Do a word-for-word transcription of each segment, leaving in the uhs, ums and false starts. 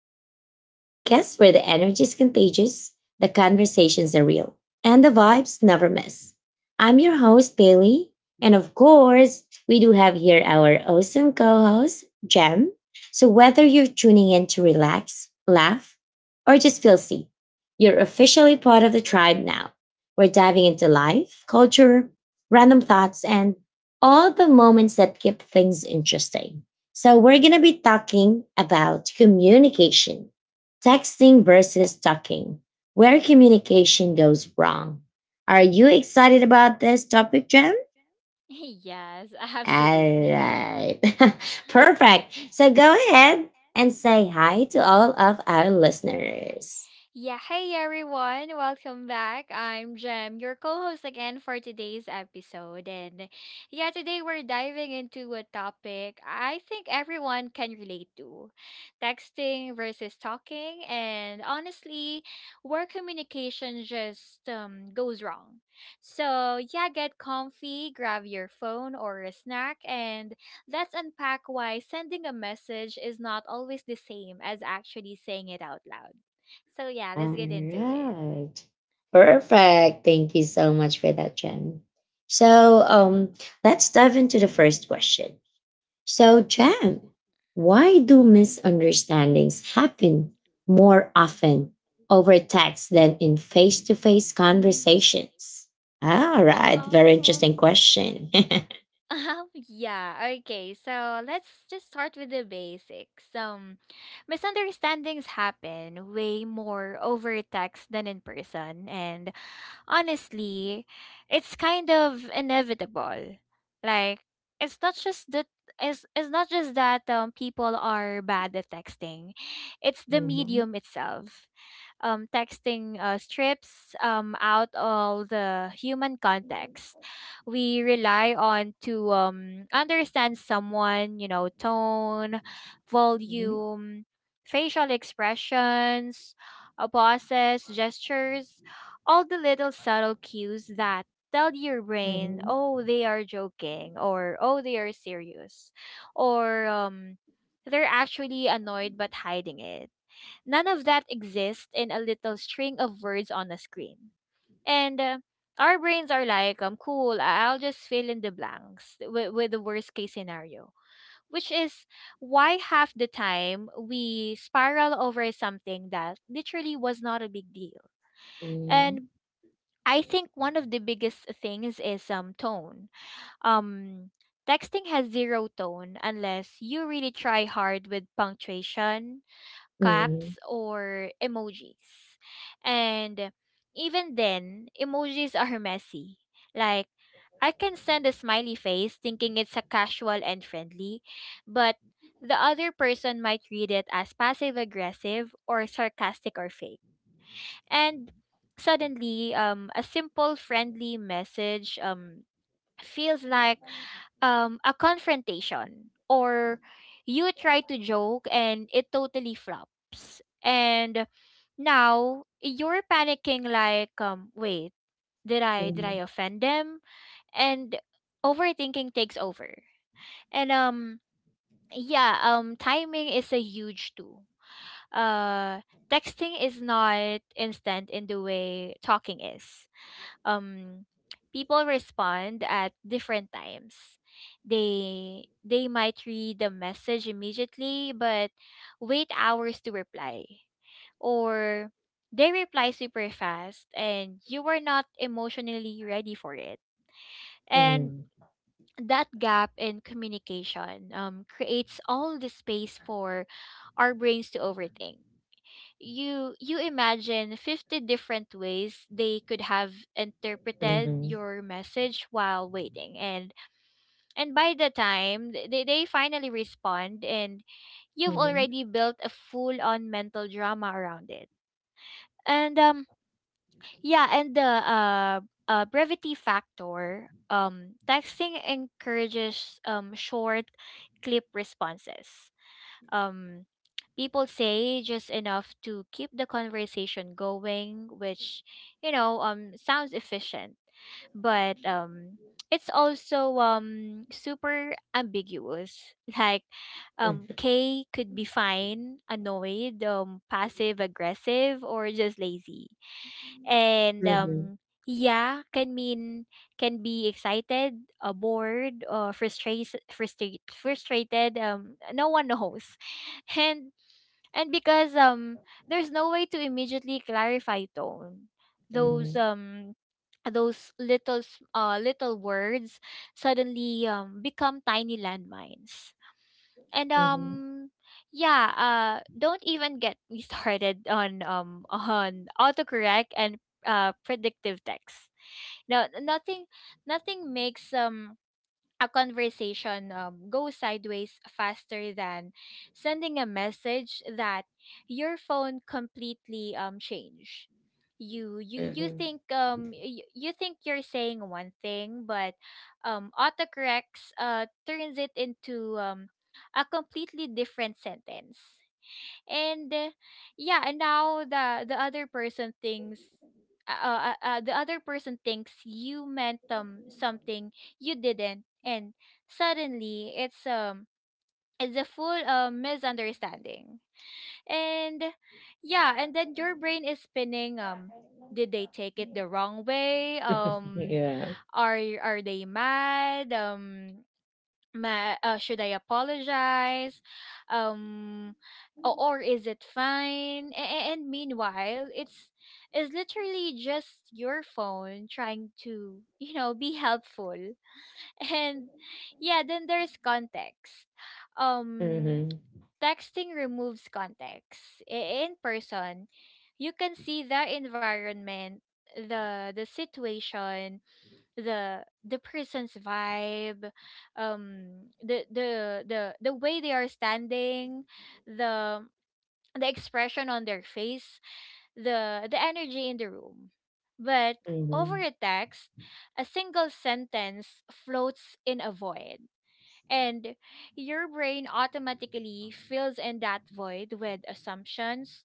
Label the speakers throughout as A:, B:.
A: Tribe, the podcast where the energy is contagious, the conversations are real, and the vibes never miss. I'm your host, Bailey. And of course, we do have here our awesome co host, Jem. So whether you're tuning in to relax, laugh, or just feel seen, you're officially part of the tribe now. We're diving into life, culture, random thoughts, and all the moments that keep things interesting. So, we're going to be talking about communication, texting versus talking, where communication goes wrong. Are you excited about this
B: This
A: topic, Jen?
B: topic, Jen? Yes, absolutely.
A: All
B: Perfect.
A: right. Perfect. So, go
B: So go
A: ahead
B: ahead
A: and
B: and
A: say
B: say hi
A: hi
B: to
A: to all of
B: all of
A: our
B: our listeners.
A: listeners.
B: Yeah, hey everyone, welcome back. I'm Jem, your co host again for today's episode. And yeah, today we're diving into a topic I think everyone can relate to, texting versus talking. And honestly, where communication just um, goes wrong. So yeah, get comfy, grab your phone or a snack, and let's unpack why sending a message is not always the same as actually saying it out loud. So yeah,
A: All
B: let's get into it.
A: right. Perfect. Thank you so much for that, Jen. So,
B: Mm-hmm.
A: um, let's dive into the first question. So, Jan, why do misunderstandings happen more often over text than in face to face conversations? All
B: Uh,
A: right, very interesting
B: um,
A: question.
B: Um, yeah, okay. So let's just start with the basics. Um, misunderstandings happen way more over text than in person, and honestly, it's kind of inevitable. Like, it's not just that it's, it's not just that um, people are bad at texting. It's the
A: Mhm,
B: medium itself. Um, texting uh, strips um, out all the human context we rely on to um, understand someone, you know, tone,
A: mhm,
B: volume, facial expressions, uh, pauses, gestures, all the little subtle cues that tell your brain,
A: mhm,
B: oh, they are joking, or oh, they are serious, or um, they're actually annoyed but hiding it. None of that exists in a little string of words on a screen. And uh, our brains are like, um, cool, I- I'll just fill in the blanks with, with the worst case scenario, which is why half the time we spiral over something that literally was not a big deal.
A: mhm,
B: And I think one of the biggest things is um, tone. Um, Texting has zero tone unless you really try hard with punctuation,
A: mhm.
B: caps or emojis. And even then, emojis are messy. Like, I can send a smiley face thinking it's a casual and friendly, but the other person might read it as passive aggressive or sarcastic or fake. And suddenly, um, a simple friendly message um, feels like um, a confrontation, or you try to joke and it totally flops. And now you're panicking like um wait, did I did
A: Mhm,
B: I offend them? And overthinking takes over. And um Yeah, um timing is a huge tool. Uh Texting is not instant in the way talking is. um People respond at different times. They they might read the message immediately but wait hours to reply. Or they reply super fast and you were not emotionally ready for it. And
A: mhm,
B: that gap in communication um, creates all the space for our brains to overthink. You you imagine fifty different ways they could have
A: mhm,
B: interpreted
A: mhm,
B: your message while waiting, and and by the time th- they, they finally respond, and you've
A: mhm,
B: already built a full on mental drama around it. And um Yeah, and the uh, uh brevity factor, um texting encourages um short clip responses. um, People say just enough to keep the conversation going, which, you know, um, sounds efficient, but um it's also um super ambiguous. Like, um k could be fine, annoyed, um passive aggressive, or just lazy. and
A: mhm,
B: um yeah, can mean, can be excited, uh, bored, or frustrated frustrated frustrated um no one knows. and and because um there's no way to immediately clarify tone, Those
A: mhm,
B: um those little s- uh little words suddenly um become tiny landmines. And
A: mhm,
B: um yeah, uh don't even get me started on um on autocorrect and uh predictive text. Now nothing nothing makes um a conversation um, go sideways faster than sending a message that your phone completely um changed. you you you
A: mhm.
B: think um you, you think you're saying one thing, but um autocorrects uh turns it into um a completely different sentence. And uh, yeah, and now the the other person thinks, uh, uh, uh uh, the other person thinks you meant um something you didn't, and suddenly it's um it's a full uh, misunderstanding. And yeah, and then your brain is spinning. Um did they take it the wrong way? um
A: Yeah.
B: are are they mad? Um ma uh, Should I apologize? Um, or, or is it fine? A- and meanwhile, it's is literally just your phone trying to you know be helpful. And yeah, then there's context. Um,
A: Mhm,
B: Texting removes context. I- In person, you can see the environment, the the situation, the the person's vibe, um the the the the way they are standing, the the expression on their face, the the energy in the room, but
A: mhm,
B: over
A: mhm,
B: a text a single sentence floats in a void, and your brain automatically fills in that void with assumptions,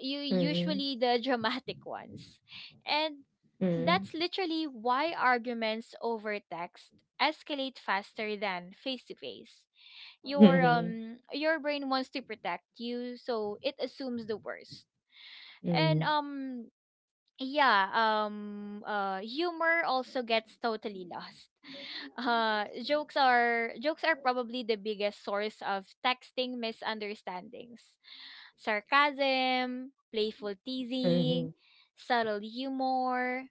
B: you
A: mhm,
B: usually the dramatic ones. And
A: mhm,
B: that's literally why arguments over text escalate faster than face to face.
A: mhm,
B: Your
A: mhm,
B: um your brain wants to protect you, so it assumes the worst. And
A: mhm,
B: um yeah, um uh humor also gets totally lost. Uh jokes are jokes are probably the biggest source of texting misunderstandings, sarcasm, playful
A: mhm, mhm, mhm, mhm, mhm, mhm, mhm, mhm, mhm, mhm, mhm, mhm,
B: teasing,
A: mhm,
B: subtle humor.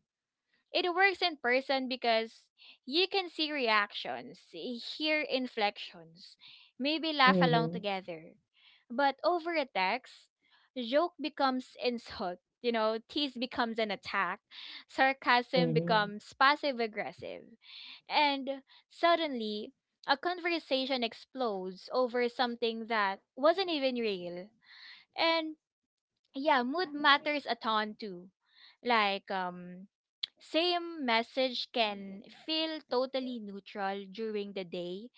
B: It works in person because you can see reactions, hear inflections, maybe laugh along
A: mhm,
B: together. But over a text, joke becomes insult, you know, tease becomes an attack, sarcasm becomes passive aggressive. And suddenly, a conversation explodes over something that wasn't even real. And yeah, mood matters a ton too. Like, um same message can feel totally neutral during the day,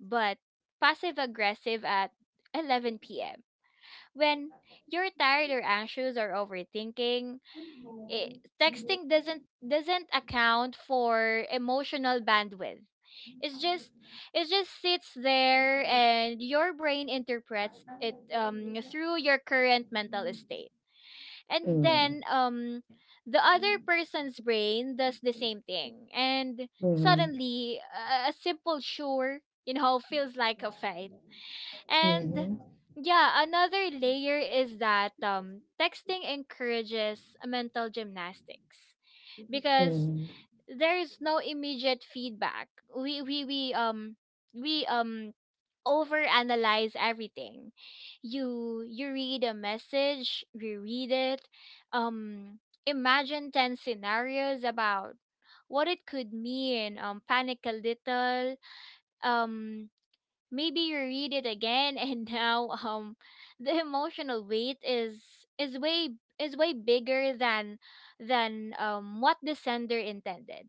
B: but passive aggressive at eleven p m. When you're tired or anxious or overthinking, it, texting doesn't doesn't account for emotional bandwidth. It's just it just sits there and your brain interprets it um through your current mental state, and then um the other person's brain does the same thing, and suddenly a a simple sure you know feels like a fight. And yeah, another layer is that um texting encourages mental gymnastics because there is no immediate feedback. We we we um we um overanalyze everything. You you read a message, you read it, um imagine ten scenarios about what it could mean, um panic a little, um maybe you read it again. And now um the emotional weight is is way is way bigger than than um what the sender intended.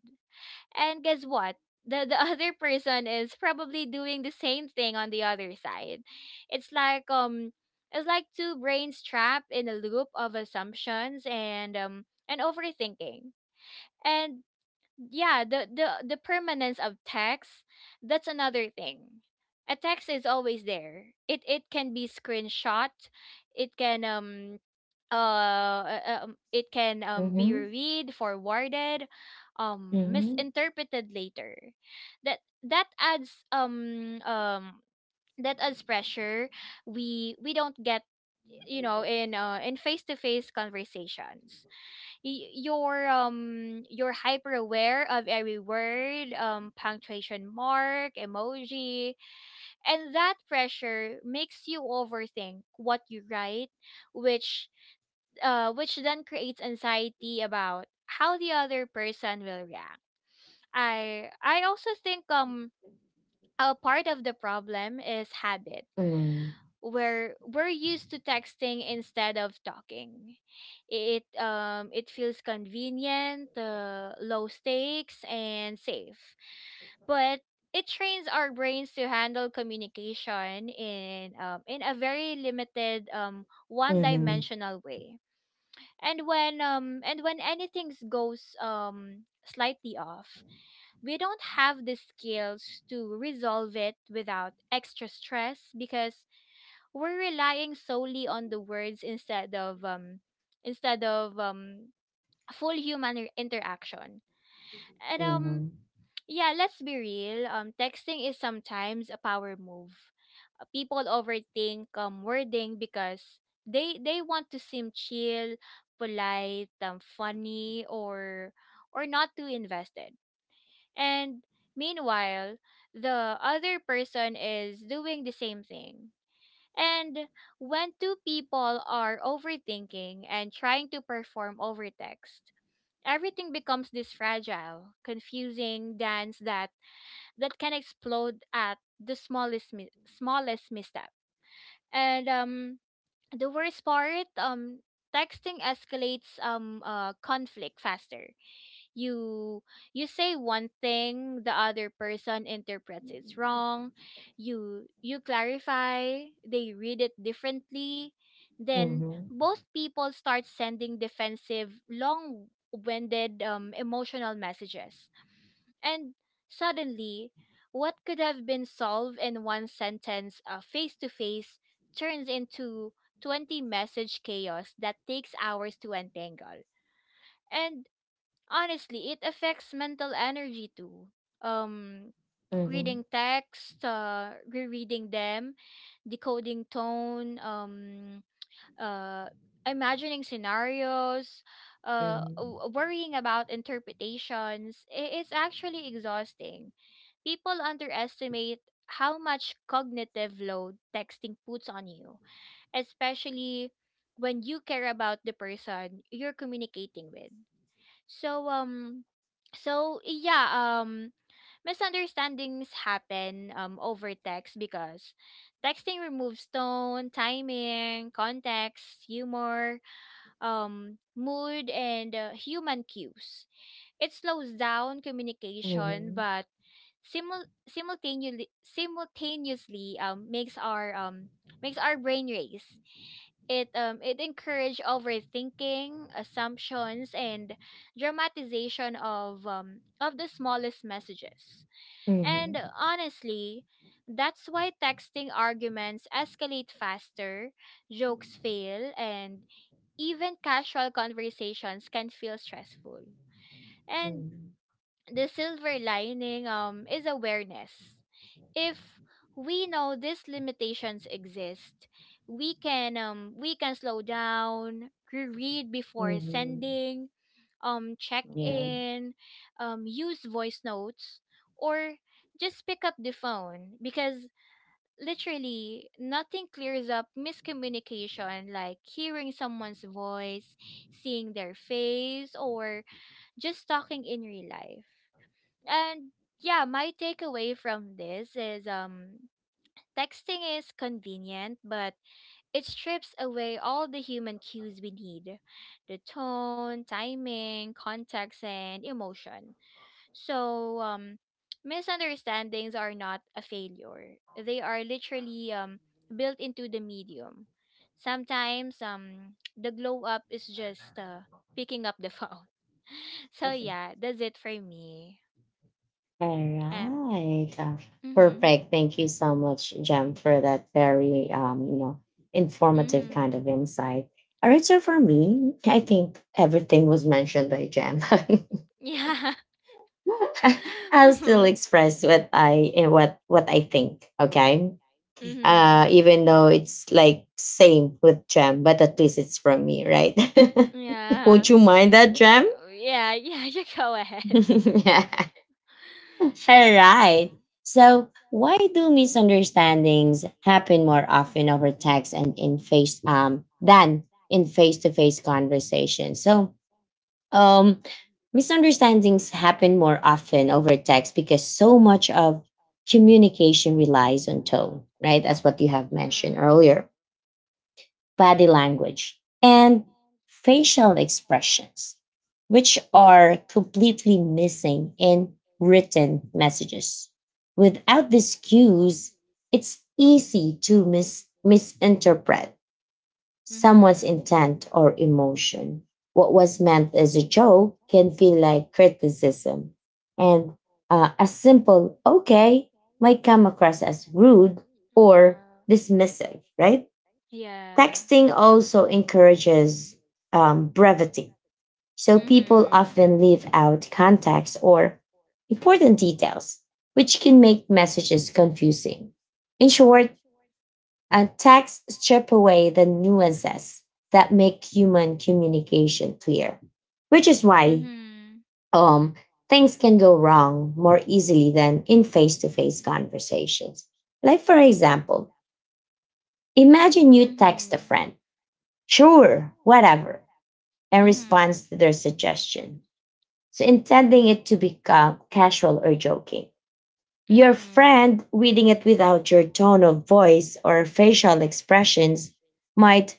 B: And guess what? The the other person is probably doing the same thing on the other side. It's like um it's like two brains trapped in a loop of assumptions and um and overthinking. And yeah, the the the permanence of text, that's another thing. A text is always there. It it can be screenshot. It can um uh, uh, um, it can um, be read, forwarded, um misinterpreted later. That that adds um um that adds pressure we we don't get, you know, in uh, in face-to-face conversations. Y- you're um you're hyper aware of every word, um punctuation mark, emoji, and that pressure makes you overthink what you write, which uh, which then creates anxiety about how the other person will react. I I also think um a part of the problem is habit, where we're used to texting instead of talking. It um it feels convenient, uh, low stakes, and safe, but it trains our brains to handle communication in um, in a very limited um one dimensional way. And when um and when anything goes um slightly off, we don't have the skills to resolve it without extra stress because we're relying solely on the words instead of um instead of um full human interaction. And um yeah, let's be real. Um, texting is sometimes a power move. Uh, People overthink um, wording because they they want to seem chill, polite, um, funny, or or not too invested. And meanwhile, the other person is doing the same thing. And when two people are overthinking and trying to perform over text, everything becomes this fragile, confusing dance that that can explode at the smallest mi- smallest misstep. And um, the worst part, um, texting escalates um uh, conflict faster. You you say one thing, the other person interprets it wrong. You you clarify, they read it differently. Then both people start sending defensive, long-winded, um, emotional messages, and suddenly, what could have been solved in one sentence uh, face to face turns into twenty message chaos that takes hours to untangle. And honestly, it affects mental energy too. Um, Reading text, uh, rereading them, decoding tone, um, uh, imagining scenarios, uh, w- worrying about interpretations. i- It's actually exhausting. People underestimate how much cognitive load texting puts on you, especially when you care about the person you're communicating with. So um so yeah, um misunderstandings happen um over text because texting removes tone, timing, context, humor, um mood, and uh, human cues. It slows down communication but simul- simultaneously simultaneously um makes our um makes our brain race. It um it encouraged overthinking, assumptions, and dramatization of um of the smallest messages. And
A: mhm,
B: honestly, that's why texting arguments escalate faster, jokes fail, and even casual conversations can feel stressful. And the silver lining um is awareness if we know these limitations exist, we can um we can slow down, reread
A: mhm,
B: before
A: mhm.
B: sending, um check
A: Yeah.
B: in, um use voice notes or just pick up the phone because literally nothing clears up miscommunication like hearing someone's voice, seeing their face or just talking in real life. And yeah, my takeaway from this is um texting is convenient, but it strips away all the human cues we need, the tone, timing, context, and emotion. So, um, misunderstandings are not a failure, they are literally um, built into the medium. Sometimes um, the glow up is just uh, picking up the phone. So, yeah, that's it for me.
A: All
B: Um,
A: right. Uh,
B: mm-hmm,
A: perfect. Thank you so much, Jem, for that very um, you know, informative
B: mm-hmm.
A: kind of insight. All right, so for me, I think everything was mentioned by Jem.
B: Yeah.
A: I'll still
B: Mm-hmm,
A: express what I eh, what what I think. Okay.
B: mm-hmm.
A: Uh, even though it's like same with Jem, but at least it's from me, right? Won't
B: Yeah.
A: you mind that, Jem?
B: Oh, yeah, yeah, you go ahead.
A: All right. So, why do misunderstandings happen more often over text and in face um than in face-to-face conversations? So, um misunderstandings happen more often over text because so much of communication relies on tone, right? That's what you have mentioned earlier,
B: Mhm.
A: body language, and facial expressions, which are completely missing in written messages. Without these cues, it's easy to mis- misinterpret someone's
B: Mhm.
A: intent or emotion. What was meant as a joke can feel like criticism, and uh, a simple okay might come across as rude or
B: Uh-huh.
A: dismissive, right?
B: Yeah.
A: Texting also encourages um, brevity, so people
B: Mhm.
A: often leave out context or important details, which can make messages confusing. In short, uh, texts strip away the nuances that make human communication clear, which is why
B: Mhm.
A: um, things can go wrong more easily than in face to face conversations. Like, for example, imagine you text a
B: Mhm.
A: friend, sure, whatever, and
B: Mhm.
A: responds to their suggestion. So, intending it to become casual or joking. Your friend reading it without your tone of voice or facial expressions might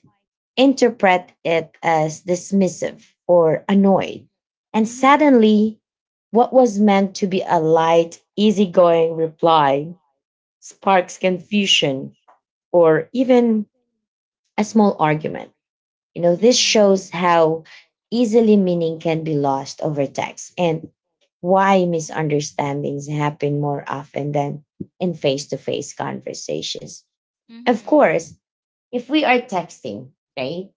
A: interpret it as dismissive or annoyed. And
B: Mhm.
A: suddenly, what was meant to be a light, easygoing reply sparks confusion or even a small argument. You know, this shows
B: Mhm.
A: how easily meaning can be lost over text and why misunderstandings happen more often than in face to face conversations. Of
B: Mhm.
A: course, if we are texting, right,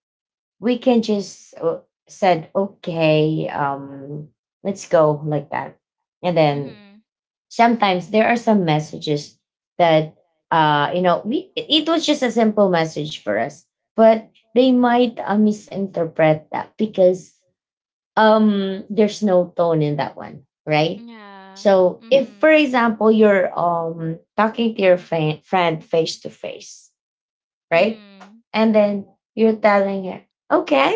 A: we can just uh, said, okay, um, let's go like that. And
B: Mhm.
A: then
B: Mhm.
A: sometimes there are some messages that uh you know we it it was just a simple message for us, but they might uh, misinterpret that because um there's no tone in that one, right?
B: Yeah.
A: So if for
B: Mhm.
A: example you're um talking to your fa- friend face to face, right?
B: Mhm.
A: And then you're telling her, okay,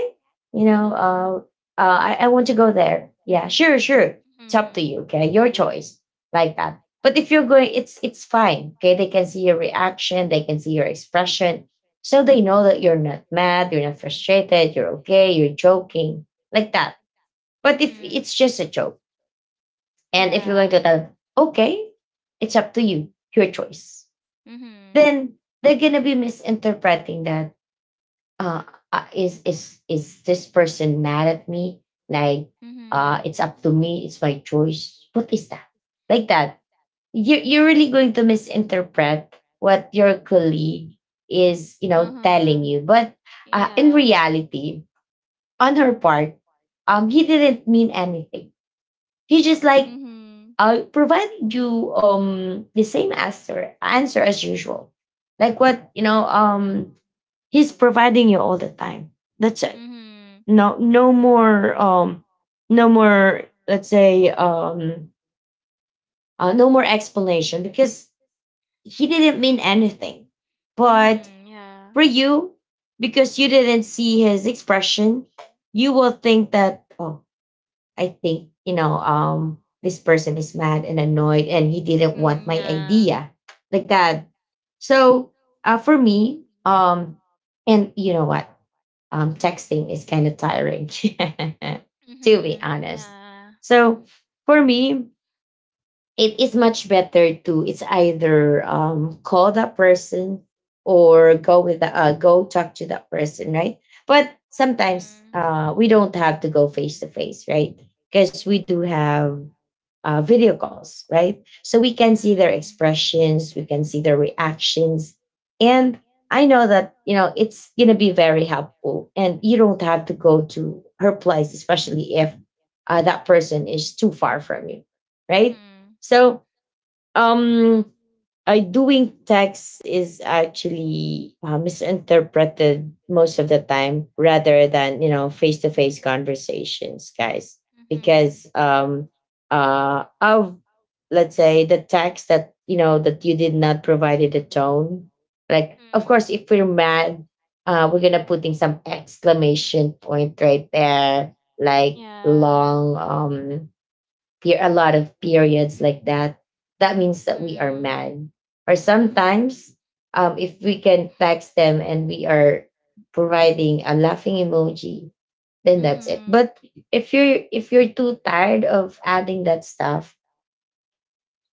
A: you know, uh, uh, I, I want to go there. Yeah, sure, sure. It's up to
B: Mhm.
A: you. Okay, your choice, like that. But if you're going, it's it's fine. Okay, they can see your reaction, they can see your expression, so they know that you're not mad, you're not frustrated, you're okay, you're joking, like that. But if
B: Mhm.
A: it's just a joke, and if you're going to
B: Yeah.
A: tell, okay, it's up to you, your choice,
B: Mhm.
A: then they're gonna be misinterpreting that, uh, uh, is is is this person mad at me? Like, uh, it's
B: Mm-hmm.
A: up to me. It's my choice. What is that? Like that? You you're really going to misinterpret what your colleague is, you know, telling
B: Uh-huh.
A: you. But uh, in
B: Yeah.
A: reality, on her part, um, he didn't mean anything. He just like
B: Mm-hmm.
A: uh, provided you um the same answer answer as usual, like what you know um he's providing you all the time. That's
B: Mm-hmm.
A: no no more um no more, let's say, um uh, no more explanation because he didn't mean anything, but
B: Mm-hmm. Yeah.
A: for you, because you didn't see his expression, you will think that, oh, I think, you know, um this person is mad and annoyed and he didn't want
B: Mm-hmm.
A: my
B: Yeah.
A: idea, like that. So uh, for me, um and you know what, um, texting is kind of tiring, to be
B: Mm-hmm.
A: honest.
B: Yeah.
A: So for me, it is much better to, it's either um, call that person or go with the, uh, go talk to that person, right? But sometimes
B: Mm-hmm.
A: uh, we don't have to go face to face, right? Because we do have uh, video calls, right? So we can see their
B: Mm-hmm.
A: expressions, we can see their reactions. And I know that, you know, it's going to be very helpful. And you don't have to go to her place, especially if uh, that person is too far from you, right?
B: Mm-hmm.
A: So, um, uh, doing text is actually uh, misinterpreted most of the time rather than, you know, face-to-face conversations, guys,
B: Mm-hmm.
A: because um uh of, let's say, the text that, you know, that you did not provided a tone. Like, of
B: Mm-hmm.
A: course, if we're mad, uh, we're gonna putting some exclamation point right there, like
B: Yeah.
A: long, um per- a lot of periods, like that, that means that we are
B: Mm-hmm.
A: mad. Or
B: Mm-hmm.
A: sometimes, um, if we can text them and we are providing a laughing emoji, then that's it.
B: Mm-hmm.
A: But if you're if you're too tired of adding that stuff,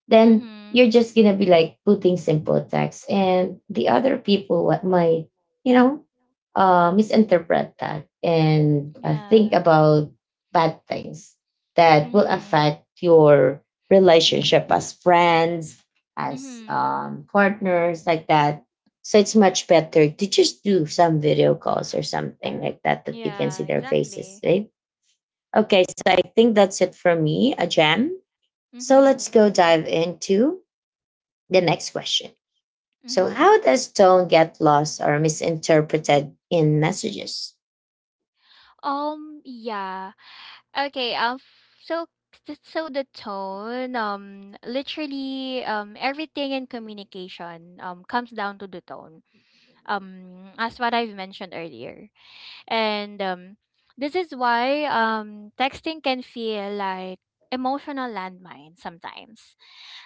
A: then
B: Mm-hmm.
A: you're just gonna be like putting simple text, and the other people what might, you know, uh, misinterpret that and uh, think
B: Yeah.
A: about bad things that will
B: Mm-hmm.
A: affect your relationship as friends, as
B: Mm-hmm.
A: um, partners, like that. So it's much better to just do some video calls or something like that, that you can
B: Yeah,
A: see their faces,
B: exactly.
A: right? Okay, so I think that's it for me, a gem so
B: Mm-hmm.
A: let's go dive into the next question. So,
B: Mm-hmm.
A: how does tone get lost or misinterpreted in messages?
B: Um, yeah. Okay, um f- so th- so the tone, um literally um everything in communication um comes down to the tone. Um as what I've mentioned earlier. And um this is why um texting can feel like emotional landmine sometimes.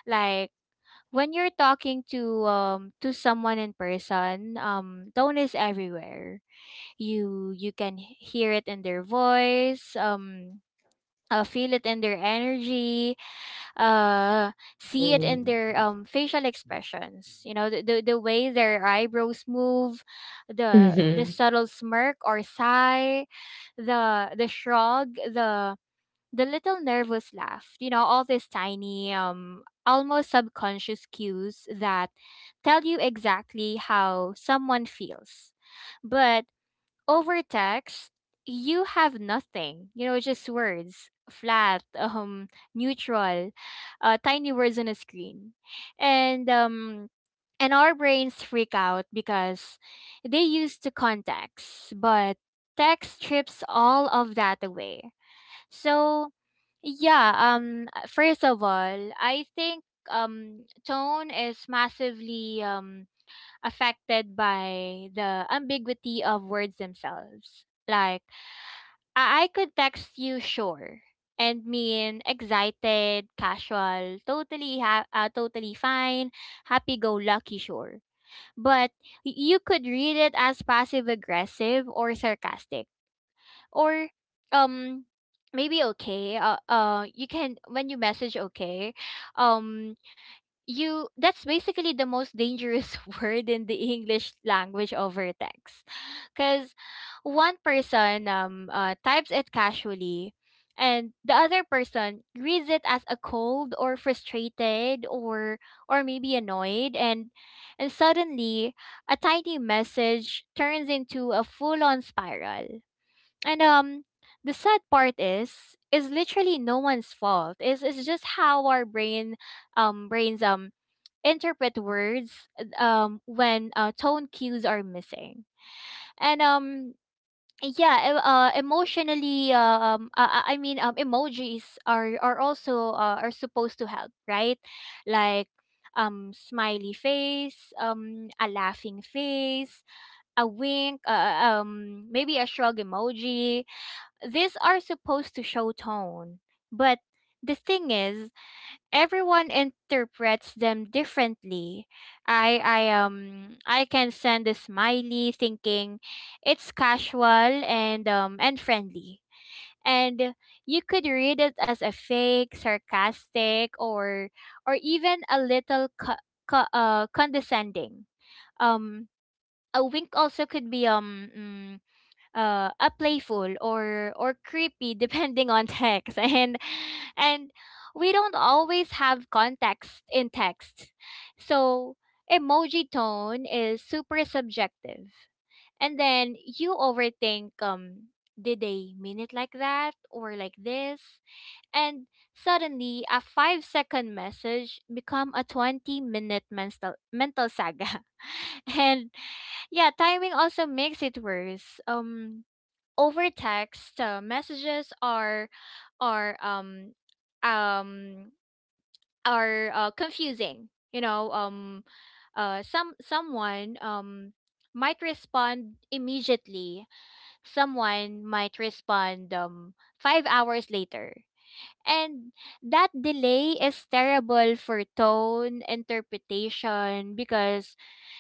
B: Like when you're talking to um to someone in person, um tone is everywhere, you you can h- hear it in their voice, um uh, feel it in their energy, uh see it in their
A: Mhm.
B: um facial expressions, you know, the, the, the way their eyebrows move, the the
A: Mhm.
B: subtle smirk or sigh, the the shrug, the the little nervous laugh, you know, all these tiny um almost subconscious cues that tell you exactly how someone feels, but over text, you have nothing. You know, just words, flat, um, neutral, uh, tiny words on a screen, and um, and our brains freak out because they used to context, but text strips all of that away. So yeah, um first of all, I think um tone is massively um affected by the ambiguity of words themselves. Like, I, I could text you sure and mean excited, casual, totally ha- uh, totally fine, happy go lucky sure. But y- you could read it as passive aggressive or sarcastic or um maybe okay, uh, uh you can when you message okay, um you, that's basically the most dangerous word in the English language over text. Cuz one person um uh, types it casually and the other person reads it as a cold or frustrated or or maybe annoyed and and suddenly a tiny message turns into a full on spiral, and um the sad part is is literally no one's fault, it's it's just how our brain um brains um interpret words uh, um when uh, tone cues are missing. And um Yeah, e- uh, emotionally uh, um uh, I mean um emojis are are also uh, are supposed to help, right? Like um smiley face, um a laughing face, a wink, uh, uh, um maybe a shrug emoji, these are supposed to show tone, but the thing is everyone interprets them differently. I I um I can send a smiley thinking it's casual and um and friendly. And you could read it as a fake, sarcastic or or even a little co- co- uh, condescending. Um a wink also could be um mm, uh, a playful or or creepy depending on text, and and we don't always have context in text, so emoji tone is super subjective, and then you overthink, um did they mean it like that or like this? And suddenly a five second message become a twenty minute mental mental saga. And yeah, timing also makes it worse. Um over text, uh, messages are are um um are uh, confusing, you know, um uh some someone um might respond immediately, someone might respond um five hours later, and that delay is terrible for tone interpretation because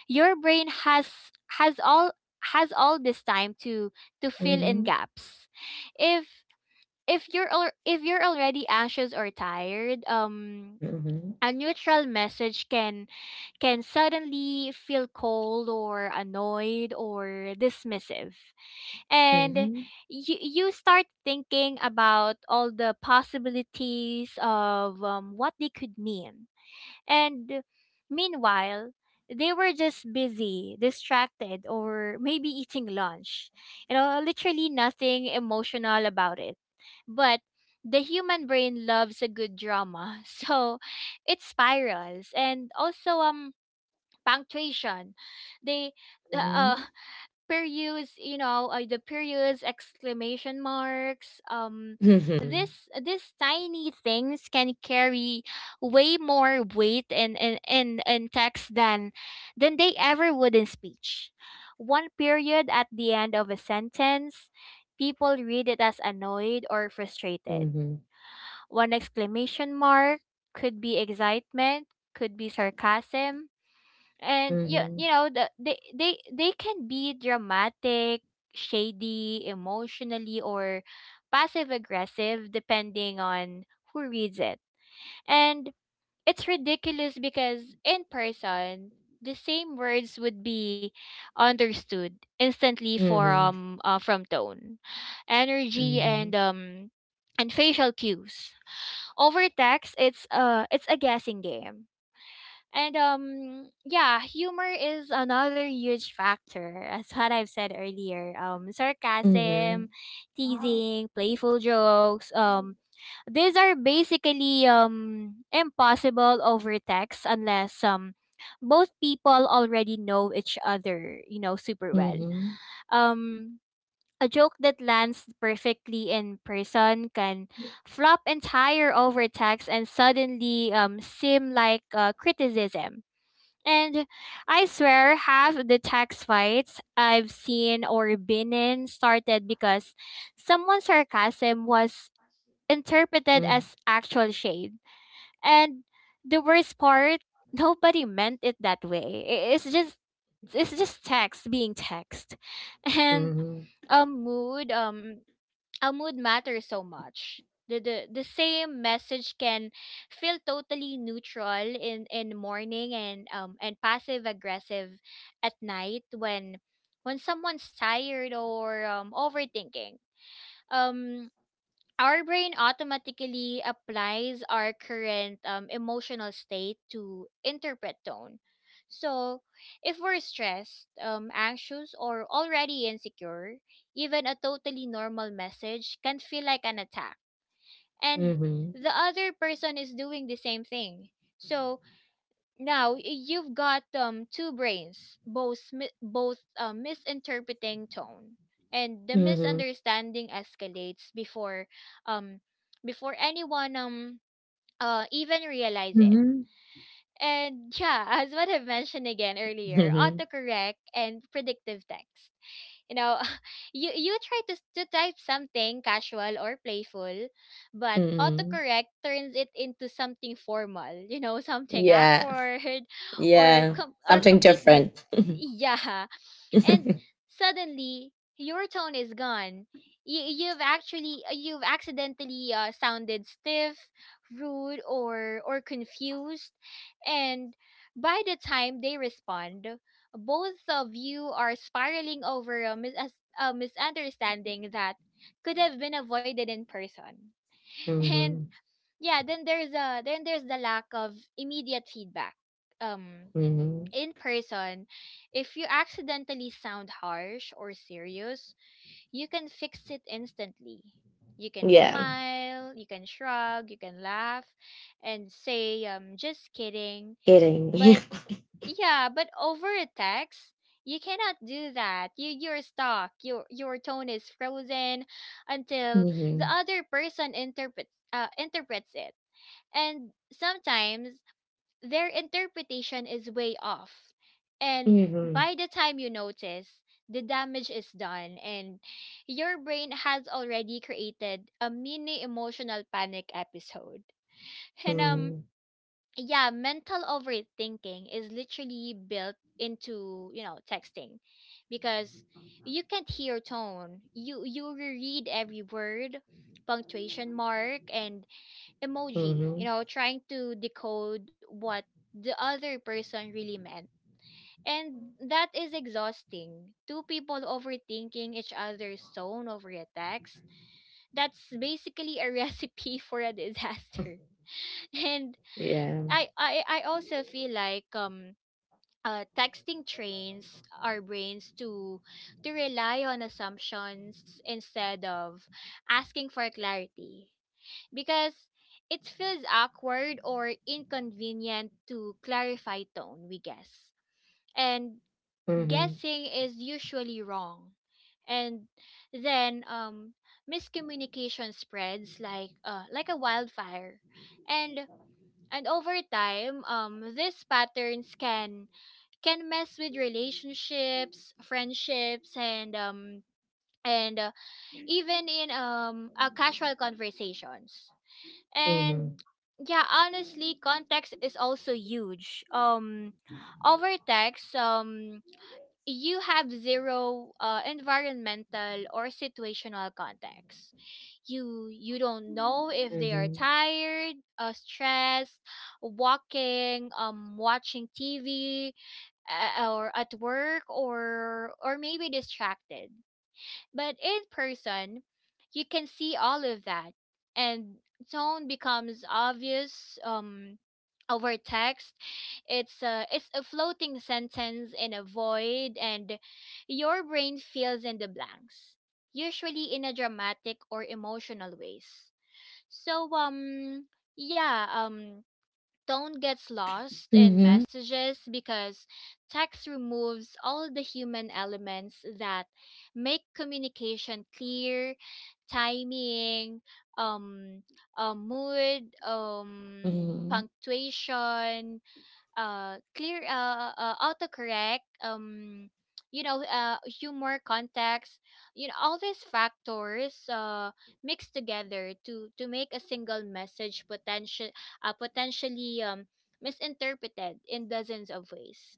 B: your brain has has all has all this time to to fill in
A: Mhm.
B: gaps. If if you're al- if you're already anxious or tired, um
A: Mhm.
B: a neutral message can can suddenly feel cold or annoyed or dismissive. And you, you start thinking about all the possibilities of um, what they could mean. And meanwhile, they were just busy, distracted, or maybe eating lunch. You know, literally nothing emotional about it. But the human brain loves a good drama. So it spirals. And also, um, punctuation, they the, uh
A: Mhm.
B: periods, you know, uh, the periods, exclamation marks, um
A: Mhm.
B: this this tiny things can carry way more weight in in in, in text than than they ever would in speech. One period at the end of a sentence, people read it as annoyed or frustrated.
A: Mhm.
B: One exclamation mark could be excitement, could be sarcasm, and you
A: Mhm.
B: you know, the, they they they can be dramatic, shady emotionally or passive aggressive depending on who reads it. And it's ridiculous because in person, the same words would be understood instantly
A: Mhm.
B: from uh, from tone, energy, and um and facial cues. Over text, it's uh it's a guessing game. And um Yeah, humor is another huge factor, as what I've said earlier. Um sarcasm, teasing, playful jokes, um these are basically um impossible over text unless um both people already know each other, you know, super
A: Mhm.
B: well.
A: Mhm.
B: Um a joke that lands perfectly in person can flop entire over text and suddenly um seem like uh, criticism, and I swear, half the text fights I've seen or been in started because someone's sarcasm was interpreted
A: Mhm.
B: as actual shade. And the worst part, nobody meant it that way. I- It's just, it's just text being text. And
A: Mhm.
B: um mood, um our mood matters so much. The, the the same message can feel totally neutral in in morning and um and passive aggressive at night when when someone's tired or um overthinking. Um our brain automatically applies our current um, emotional state to interpret tone. So, if we're stressed, um, anxious, or already insecure, even a totally normal message can feel like an attack.
A: Mhm.
B: And
A: Mhm. Mhm.
B: the other person is doing the same thing. So, now you've got um two brains, both mi- both uh, misinterpreting tone, and the
A: Mhm.
B: misunderstanding escalates before um before anyone um uh even realize it.
A: Mhm.
B: And yeah, as what I've mentioned again earlier,
A: Mhm.
B: autocorrect and predictive text. You know, you you try to, to type something casual or playful, but
A: Mhm.
B: autocorrect turns it into something formal, you know, something
A: Yeah.
B: awkward or
A: Yeah.
B: com- or
A: Something
B: completely,
A: different.
B: yeah, and suddenly your tone is gone. You, you've actually uh, you've accidentally uh, sounded stiff, rude or or confused, and by the time they respond, both of you are spiraling over a, mis- a misunderstanding that could have been avoided in person. And
A: Mhm.
B: yeah, then there's a then there's the lack of immediate feedback. um
A: Mhm.
B: in person, if you accidentally sound harsh or serious, you can fix it instantly. You can
A: Yeah.
B: smile, you can shrug, you can laugh, and say, um, just kidding.
A: Kidding.
B: But yeah, but over a text, you cannot do that. You, you're stuck. Your your tone is frozen until the
A: Mhm.
B: other person interprets uh, interprets it. And sometimes their interpretation is way off. And
A: Mhm.
B: by the time you notice, the damage is done and your brain has already created a mini emotional panic episode. And
A: Mhm.
B: um yeah, mental overthinking is literally built into, you know, texting because you can't hear tone. You you reread every word, punctuation mark and emoji,
A: Mhm.
B: you know, trying to decode what the other person really meant. And that is exhausting. Two people overthinking each other's tone over a text. That's basically a recipe for a disaster. And
A: Yeah.
B: I I, I also feel like um uh, texting trains our brains to to rely on assumptions instead of asking for clarity, because it feels awkward or inconvenient to clarify tone, we guess. And
A: Mhm.
B: guessing is usually wrong. And then, um, miscommunication spreads like uh, like a wildfire. And and over time, um, these patterns can can mess with relationships, friendships, and um, and uh, even in um, uh, casual conversations. And
A: Mhm.
B: yeah, honestly, context is also huge. Um, over text, um, you have zero uh, environmental or situational context. You you don't know if they are
A: Mhm.
B: tired, uh, stressed, walking, um, watching T V, uh, or at work, or or maybe distracted. But in person, you can see all of that, and tone becomes obvious. Um, over text, it's a it's a floating sentence in a void, and your brain fills in the blanks, usually in a dramatic or emotional ways. So um yeah um tone gets lost in
A: Mhm.
B: messages because text removes all the human elements that make communication clear, timing, um, uh, mood, um,
A: Mhm.
B: punctuation, uh clear uh, uh uh, autocorrect, um you know uh humor, context, you know all these factors uh mixed together to to make a single message potential uh potentially um misinterpreted in dozens of ways,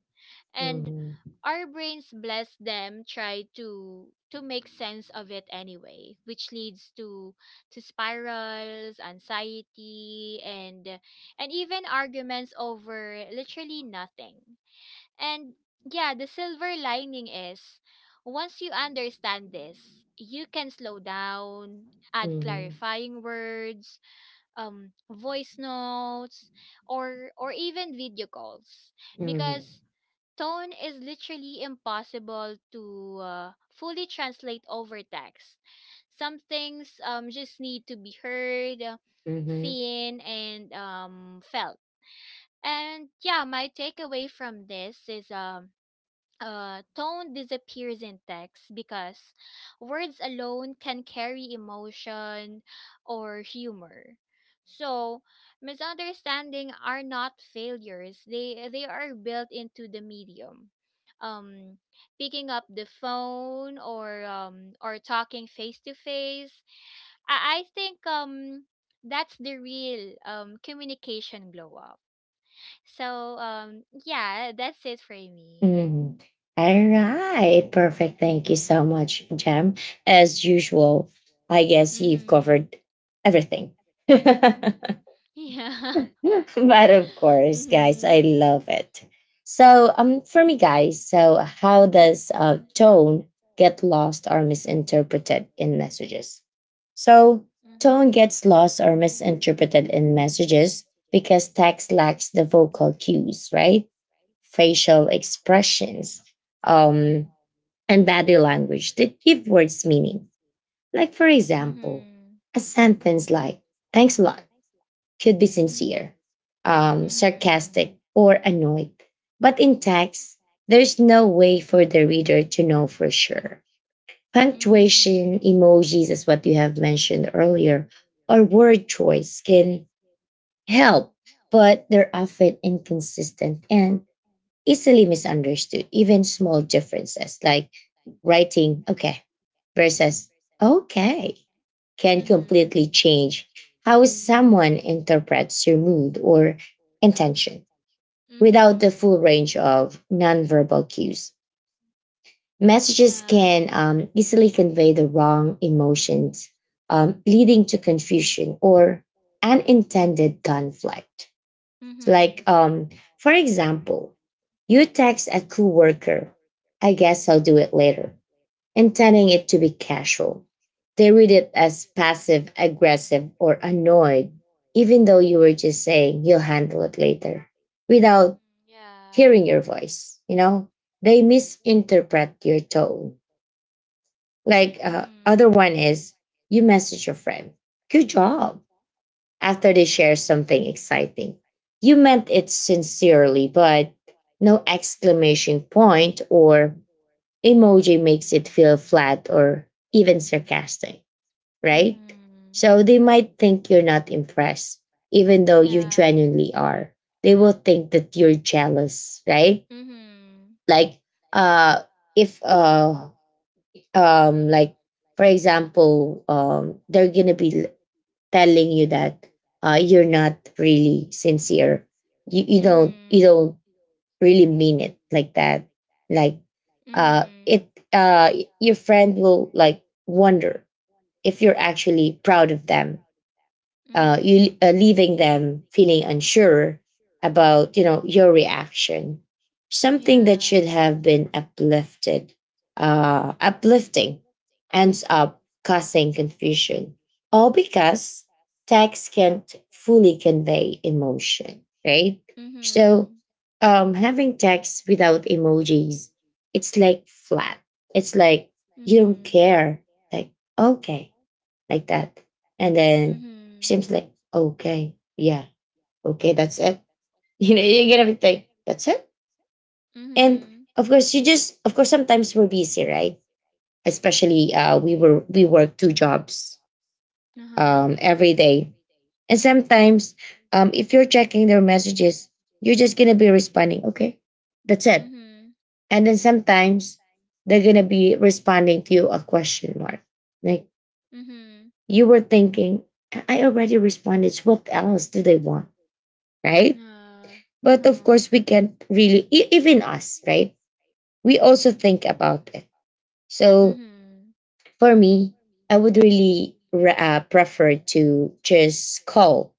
B: and
A: Mhm.
B: our brains, bless them, try to to make sense of it anyway, which leads to to spirals, anxiety, and and even arguments over literally nothing. And yeah, the silver lining is once you understand this, you can slow down, add
A: Mhm.
B: clarifying words, um voice notes, or or even video calls,
A: Mhm.
B: because tone is literally impossible to uh, fully translate over text. Some things um, just need to be heard, uh,
A: Mhm.
B: seen, and um, felt. And yeah, my takeaway from this is um, uh, tone disappears in text because words alone can carry emotion or humor. So, misunderstanding are not failures. They they are built into the medium. Um, Picking up the phone or um, or talking face to face. I I think um that's the real um communication glow up. So um yeah, that's it for me.
A: Mhm. All right. Perfect. Thank you so much, Jem. As usual, I guess you've
B: Mhm.
A: covered everything.
B: Yeah.
A: But of course, guys,
B: Mhm.
A: I love it. So, um, for me, guys, so how does uh, tone get lost or misinterpreted in messages? So,
B: Mhm.
A: tone gets lost or misinterpreted in messages because text lacks the vocal cues, right? Facial expressions, um, and body language that give words meaning. Like, for example,
B: Mhm.
A: a sentence like "Thanks a lot." should be sincere, um,
B: Mhm.
A: sarcastic, or annoyed. But in text, there's no way for the reader to know for sure.
B: Mhm.
A: Punctuation, emojis, as what you have mentioned earlier, or word choice can help, but they're often inconsistent and easily misunderstood. Even small differences like writing okay versus okay can
B: Mhm.
A: completely change how someone interprets your mood or intention. Without the
B: Mhm.
A: full range of nonverbal cues, messages can um, easily convey the wrong emotions, um, leading to confusion or unintended conflict. Like, um, for example, you text a coworker, I guess I'll do it later, intending it to be casual. They read it as passive aggressive or annoyed, even though you were just saying you'll handle it later without
B: Yeah.
A: hearing your voice. You know, they misinterpret your tone. Like, uh, other
B: Mhm.
A: one is you message your friend, good job, after they share something exciting. You meant it sincerely, but no exclamation point or emoji makes it feel flat or even sarcastic, right?
B: Mhm.
A: So they might think you're not impressed, even though you
B: Yeah.
A: genuinely are. They will think that you're jealous, right?
B: Mhm.
A: Like, uh, if uh, um, like for example, um, they're gonna be telling you that uh, you're not really sincere. You you
B: Mhm. Yeah. Mhm.
A: don't you
B: Mhm.
A: don't really mean it like that, like, uh
B: Mhm.
A: it uh y- your friend will like wonder if you're actually proud of them, uh,
B: Mhm.
A: you uh, leaving them feeling unsure about, you know, your reaction. Something that
B: Yeah.
A: should have been uplifted uh, uplifting ends up causing confusion all because text can't fully convey emotion, right? So
B: Mhm.
A: um, having text without emojis, it's like flat, it's like you don't
B: Mhm.
A: care, like okay, like that. And then
B: Mhm.
A: seems like, okay, yeah, okay, that's it. You know, you're gonna be like, that's it. And
B: Mhm.
A: of course, you just, of course, sometimes we're busy, right? Especially, uh, we were we work two jobs,
B: Uh-huh.
A: um, every day, and sometimes, um, if you're checking their messages, you're just gonna be responding, okay, that's it.
B: Mhm.
A: And then sometimes they're gonna be responding to you a question mark, like
B: Mhm.
A: you were thinking, I I already responded. What else do they want, right?
B: Nah.
A: But of
B: Uh-huh.
A: course, we can't really, e- even us, right? We also think about it. So
B: Mhm.
A: for me, I would really re- uh, prefer to just call,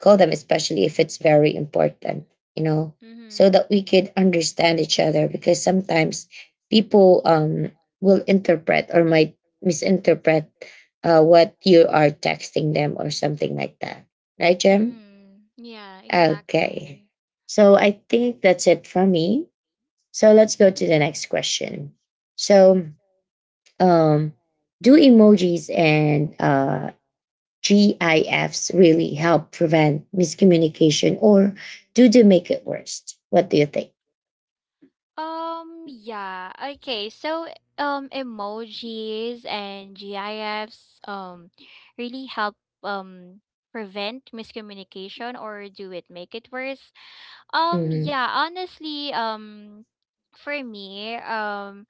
A: call them, especially if it's very important, you know, so
B: Mhm.
A: that we could understand each other, because sometimes people um, will interpret or might misinterpret uh, what you are texting them or something like that. Right, Jem?
B: Mhm. Yeah,
A: Okay.
B: exactly.
A: So I think that's it for me. So let's go to the next question. So, um, do emojis and uh, GIFs really help prevent miscommunication, or do they make it worse? What do you think?
B: Um, yeah. Okay, so um emojis and GIFs um really help um prevent miscommunication, or do it make it worse? Um,
A: Mm-hmm.
B: yeah, honestly, um for me, um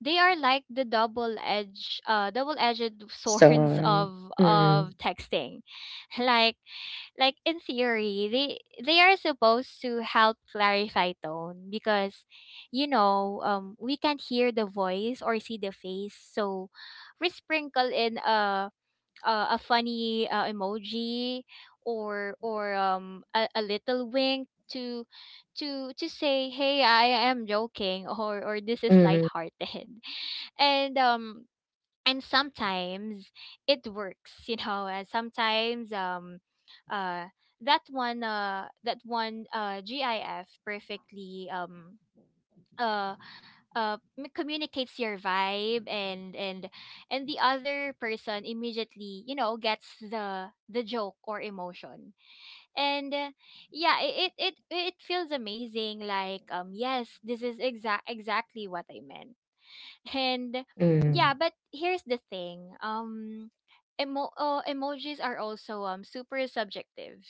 B: they are like the double edge uh double-edged
A: So,
B: swords of
A: mm-hmm.
B: of texting. Like like in theory, they they are supposed to help clarify tone because, you know, um we can't hear the voice or see the face. So we sprinkle in a a, a funny uh, emoji or or um a, a little wink to to to say, hey, I am joking, or or this is
A: Mm-hmm.
B: lighthearted. And um and sometimes it works, you know. And sometimes um uh that one uh that one uh gif perfectly um uh uh m- communicates your vibe, and and and the other person immediately, you know, gets the the joke or emotion, and uh, yeah, it it it, it feels amazing, like, um yes, this is exact exactly what I meant. And
A: Mm-hmm.
B: yeah, but here's the thing, um emo- oh, emojis are also um super subjective.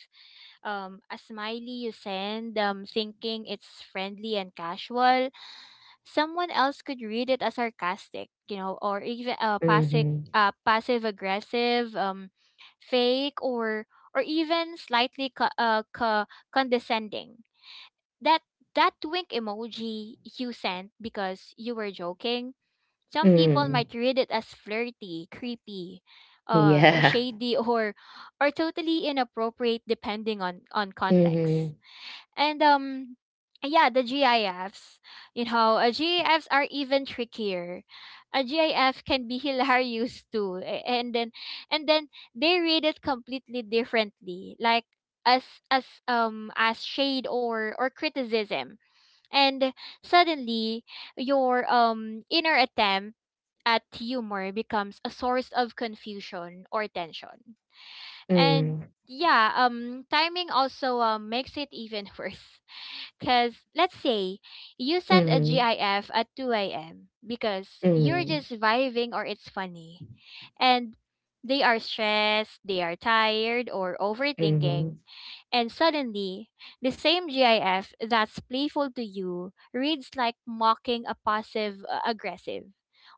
B: um A smiley you send, um thinking it's friendly and casual, someone else could read it as sarcastic, you know, or even uh, passive
A: Mm-hmm.
B: uh, passive aggressive, um fake, or or even slightly co- uh, co- condescending. That that wink emoji you sent because you were joking, some people
A: Mm-hmm.
B: might read it as flirty, creepy, uh,
A: yeah.
B: shady, or or totally inappropriate depending on on context.
A: Mm-hmm.
B: And um, yeah, the GIFs. You know, uh, GIFs are even trickier. A GIF can be hilarious too, a- and then and then they read it completely differently, like as as um as shade or or criticism. And suddenly, your um inner attempt at humor becomes a source of confusion or tension. And
A: Mm-hmm.
B: yeah, um, timing also um, makes it even worse. Because let's say you send a
A: Mm-hmm.
B: GIF at two a m because you're
A: Mm-hmm.
B: just vibing or it's funny. And they are stressed, they are tired, or
A: Mm-hmm.
B: overthinking. And suddenly, the same GIF that's playful to you reads like mocking a passive uh, aggressive.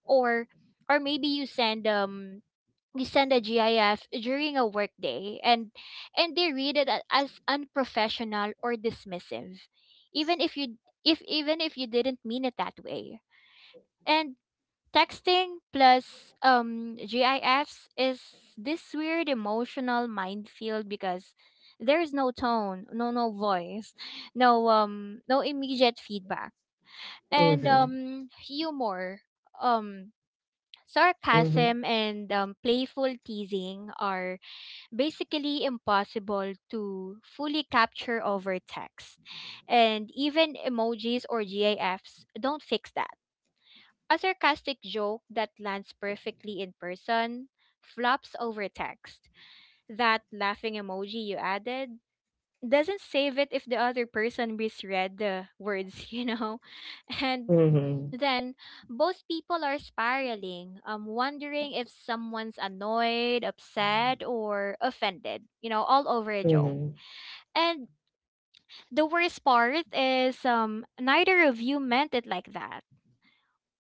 B: Or or maybe you send um you send a GIF during a workday, and and they read it a- as unprofessional or dismissive, even if you, if even if you didn't mean it that way. And texting plus um, GIFs is this weird emotional minefield because there is no tone, no no voice, no um no immediate feedback, and
A: Mhm,
B: um humor, um
A: mhm,
B: sarcasm, and um, playful teasing are basically impossible to fully capture over text, and even emojis or GIFs don't fix that. A sarcastic joke that lands perfectly in person flops over text. That laughing emoji you added doesn't save it if the other person misread the words, you know? And
A: mhm,
B: then both people are spiraling, um, wondering if someone's annoyed, upset, or offended, you know, all over a joke.
A: mhm,
B: And the worst part is um neither of you meant it like that.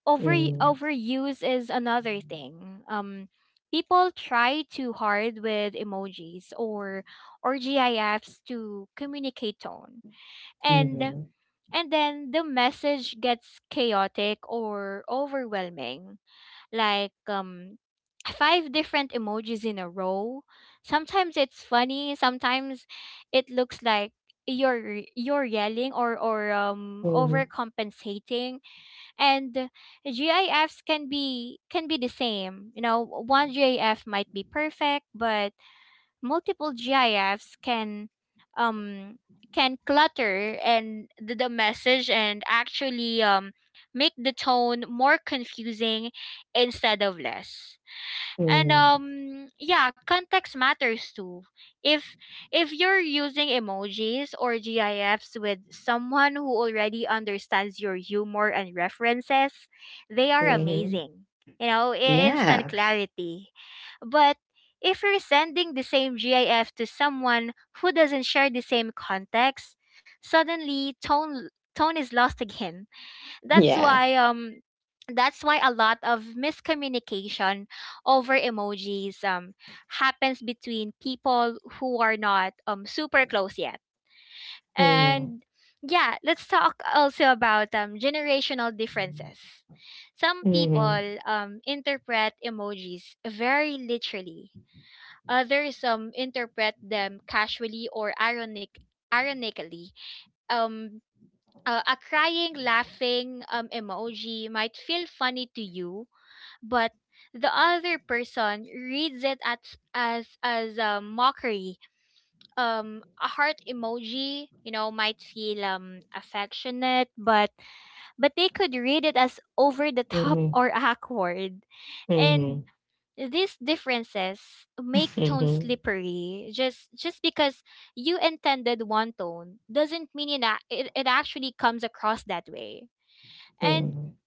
B: over
A: mhm,
B: Overuse is another thing. Um, people try too hard with emojis or or GIFs to communicate tone, and
A: mhm,
B: and then the message gets chaotic or overwhelming. Like, um, five different emojis in a row. Sometimes it's funny. Sometimes it looks like you're you're yelling or or um
A: mhm,
B: overcompensating, and GIFs can be can be the same. You know, one GIF might be perfect, but multiple GIFs can um can clutter and the, the message and actually um make the tone more confusing instead of less. and
A: mhm,
B: um yeah, context matters too. if if you're using emojis or gifs with someone who already understands your humor and references, they are
A: mhm.
B: amazing, you know, i- instant
A: Yeah,
B: clarity. But if you're sending the same gif to someone who doesn't share the same context, suddenly tone tone is lost again. that's
A: yeah.
B: why um that's why a lot of miscommunication over emojis um happens between people who are not um super close yet.
A: Mhm,
B: And yeah, let's talk also about um generational differences. Some
A: mhm,
B: people um interpret emojis very literally. Others um interpret them casually or ironic ironically. um uh, a crying, laughing um, emoji might feel funny to you, but the other person reads it as as as a mockery. Um, a heart emoji, you know, might feel um affectionate, but but they could read it as over the top
A: mhm,
B: or awkward, and
A: mhm,
B: these differences make tone
A: mhm,
B: slippery. Just just because you intended one tone doesn't mean it, a- it, it actually comes across that way. And
A: mhm.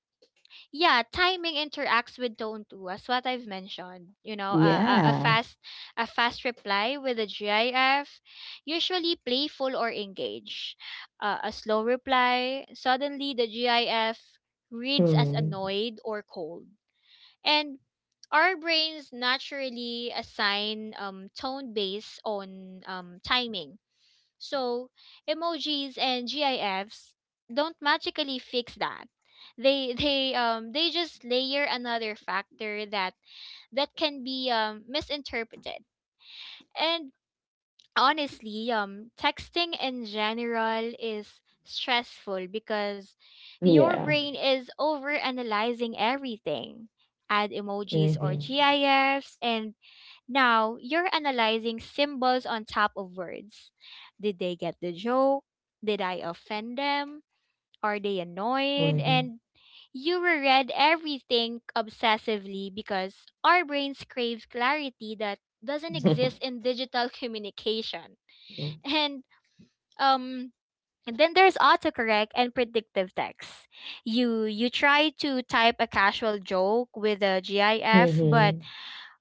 B: yeah, timing interacts with tone too, as what I've mentioned. You know, a, a, a
A: Yeah.
B: fast a fast reply with a GIF, usually playful or engaged. Uh, a slow reply, suddenly the GIF reads as
A: Mhm,
B: annoyed or cold. And our brains naturally assign um, tone based on um, timing. So, emojis and GIFs don't magically fix that. They they um they just layer another factor that that can be um, misinterpreted. And honestly, um, texting in general is stressful because your
A: yeah.
B: brain is overanalyzing everything. Add emojis or
A: Mhm,
B: GIFs, and now you're analyzing symbols on top of words. Did they get the joke? Did I offend them? Are they annoyed?
A: mhm,
B: And you reread everything obsessively because our brains crave clarity that doesn't exist in digital communication. And um and then there's autocorrect and predictive text. You you try to type a casual joke with a GIF, but
A: mhm,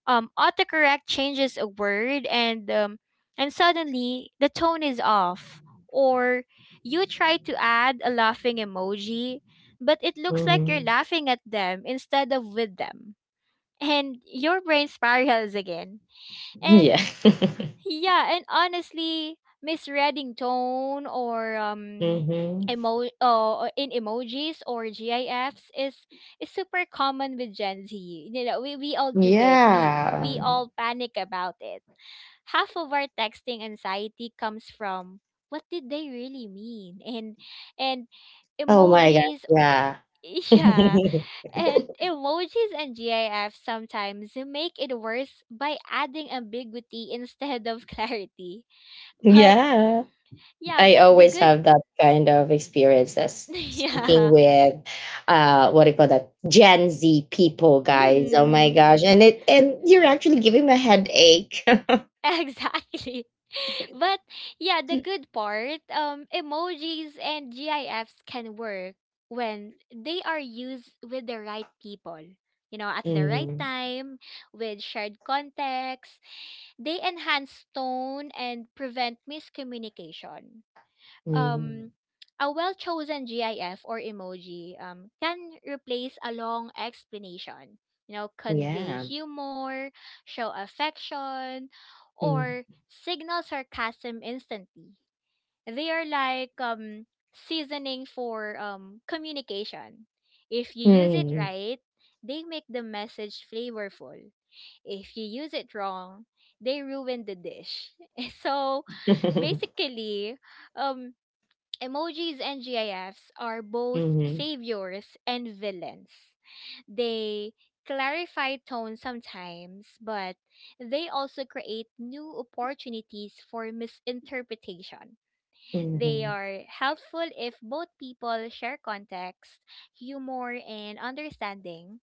B: um autocorrect changes a word, and um and suddenly the tone is off. Or you try to add a laughing emoji, but it looks like you're
A: mhm.
B: laughing at them instead of with them. And your brain spirals again. And
A: Yeah.
B: yeah, and honestly, misreading tone or um
A: Mhm.
B: emo uh, in emojis or GIFs is is super common with Gen Z. You know, we, we all do it. We
A: Yeah.
B: we all panic about it. Half of our texting anxiety comes from, what did they really mean? And and
A: Oh my gosh,
B: emojis
A: yeah.
B: yeah, and emojis and GIFs sometimes make it worse by adding ambiguity instead of clarity. But
A: Yeah.
B: yeah,
A: I
B: but the
A: always
B: good
A: have that kind of experiences speaking
B: yeah.
A: with uh what do you call that, Gen Z people, guys. Oh my
B: Mhm.
A: gosh. And it, and you're actually giving me a headache.
B: Exactly. But yeah, the good part, um, emojis and GIFs can work when they are used with the right people. You know, at the right
A: Mm,
B: time, with shared context, they enhance tone and prevent miscommunication. um
A: mm,
B: a well-chosen GIF or emoji um, can replace a long explanation, you know, convey
A: yeah.
B: humor, show affection,
A: Mm,
B: or signal sarcasm instantly. They are like, um, seasoning for um, communication. If you use it
A: mm,
B: right, they make the message flavorful. If you use it wrong, they ruin the dish. So
A: mhm,
B: basically, um emojis and GIFs are both
A: mhm,
B: saviors and villains. They clarify tone sometimes, but they also create new opportunities for misinterpretation. They
A: mhm,
B: are helpful if both people share context, humor, and understanding,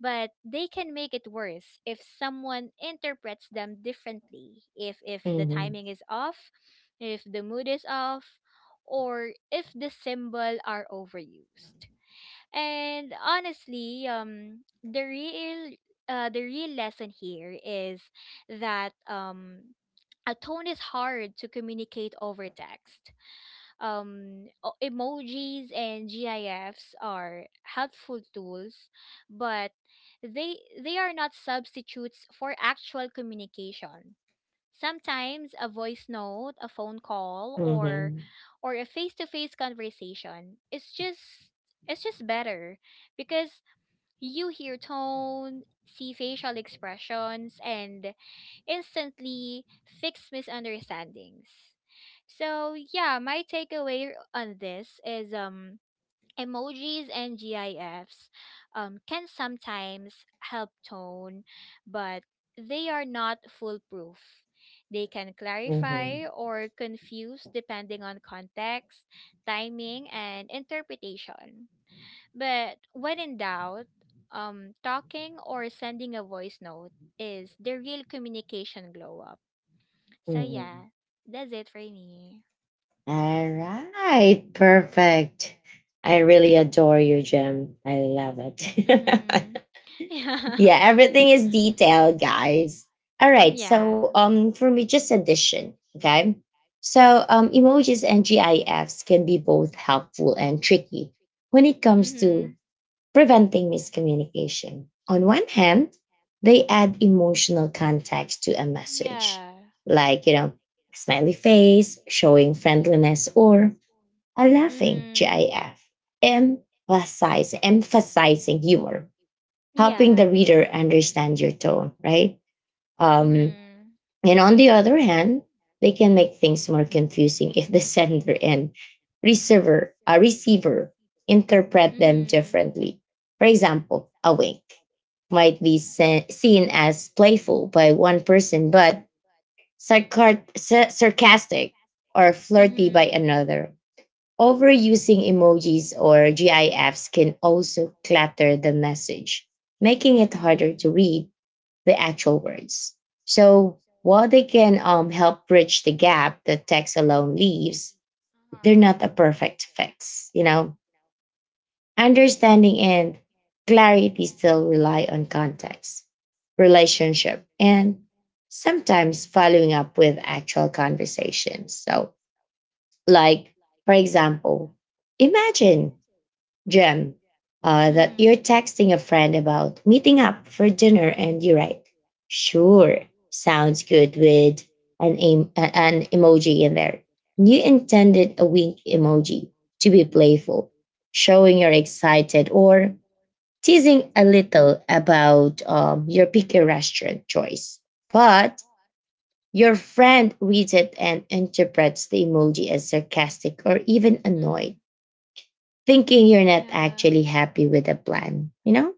B: but they can make it worse if someone interprets them differently, if if the
A: mhm,
B: timing is off, if the mood is off, or if the symbol are overused. And honestly, um the real uh, the real lesson here is that um a tone is hard to communicate over text. Um o- emojis and GIFs are helpful tools, but they they are not substitutes for actual communication. Sometimes a voice note, a phone call, or
A: mhm,
B: or a face-to-face conversation is just it's just better because you hear tone, see facial expressions, and instantly fix misunderstandings. So yeah, my takeaway on this is um emojis and GIFs um can sometimes help tone, but they are not foolproof. They can clarify
A: mhm.
B: or confuse depending on context, timing, and interpretation. But when in doubt, um, talking or sending a voice note is the real communication glow up. So
A: Mhm.
B: yeah, that's it for me.
A: All right. Perfect. I really adore you, Jem. I love
B: Mm-hmm.
A: it.
B: Yeah.
A: Yeah, everything is detailed, guys. All right, so
B: Yeah.
A: um for me just addition, okay? So um emojis and GIFs can be both helpful and tricky when it comes to
B: Mm-hmm.
A: preventing miscommunication. On one hand, they add emotional context to a message,
B: Yeah.
A: like, you know, a smiley face showing friendliness, or a laughing
B: Mm-hmm.
A: GIF, emphasize, emphasizing humor, helping the
B: Yeah.
A: reader understand your tone, right? Um,
B: Mm-hmm.
A: and on the other hand, they can make things more confusing if the sender and receiver, a receiver interpret them
B: Mm-hmm.
A: differently. For example, a wink might be se- seen as playful by one person, but sarcar- sa- sarcastic or flirty by
B: Mm-hmm.
A: another. Overusing emojis or GIFs can also clutter the message, making it harder
B: Mm-hmm.
A: to read the actual words. So, while they can um, help bridge the gap that text alone leaves, they're
B: Uh-huh.
A: not a perfect fix. You know, understanding and clarity still rely on context, relationship, and sometimes following up with actual conversations. So, like, for example, imagine, Gem, uh, that you're
B: Mm-hmm.
A: texting a friend about meeting up for dinner, and you write, "Sure, sounds good," with an em- a- an emoji in there. You intended a wink emoji to be playful, showing you're excited or teasing a little about um, your picky restaurant choice, but your friend reads it and interprets the emoji as sarcastic or even annoyed, thinking you're not actually happy with the plan, you know?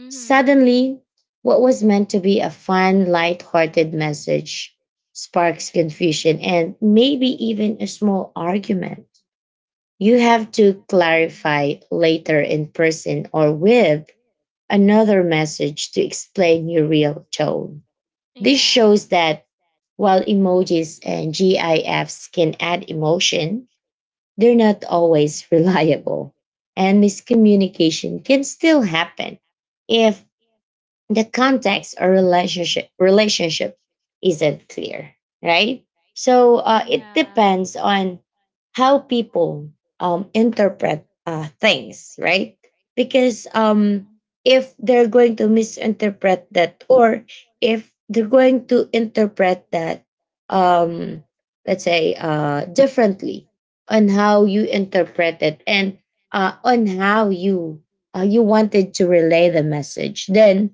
B: Mm-hmm.
A: Suddenly, what was meant to be a fun, light-hearted message sparks confusion and maybe even a small argument. You have to clarify later in person or with another message to explain your real tone. This
B: Yeah.
A: shows that while emojis and GIFs can add emotion, they're not always reliable, and miscommunication can still happen if the context or relationship relationship isn't clear, right? So uh, it depends on how people um, interpret uh, things, right? Because um, if they're going to misinterpret that, or if they're going to interpret that um, let's say uh, differently on how you interpret it, and uh, on how you uh, you wanted to relay the message, then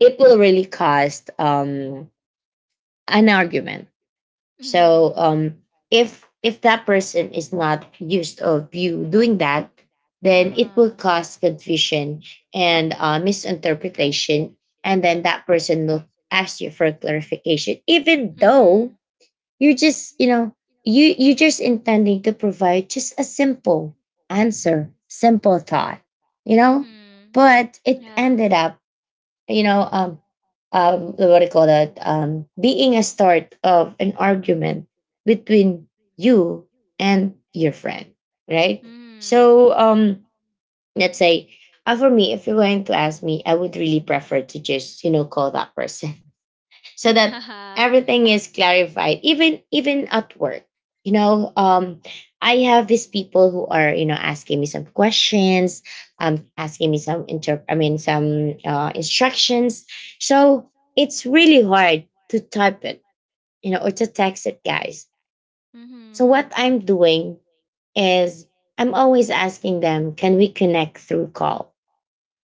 A: it will really cost um an argument. So
B: Mm-hmm.
A: um if if that person is not used of you doing that, then it will
B: Uh-huh.
A: cause confusion and uh, misinterpretation, and then that person will ask you for clarification, even though you're just, you know, you you just intending to provide just a simple answer, simple thought, you know.
B: Mm-hmm.
A: But it ended up, you know, um, um, what do you call that? Um, being a start of an argument between you and your friend, right?
B: Yeah.
A: So, um, let's say, uh, for me, if you're going to ask me, I would really prefer to just, you know, call that person, so that everything is clarified, even even at work, you know. um I have these people who are, you know, asking me some questions, um asking me some inter I mean some uh, instructions, so it's really hard to type it, you know, or to text it, guys.
B: Mm-hmm.
A: So what
B: Mm-hmm.
A: I'm doing is I'm always asking them, can we connect through call,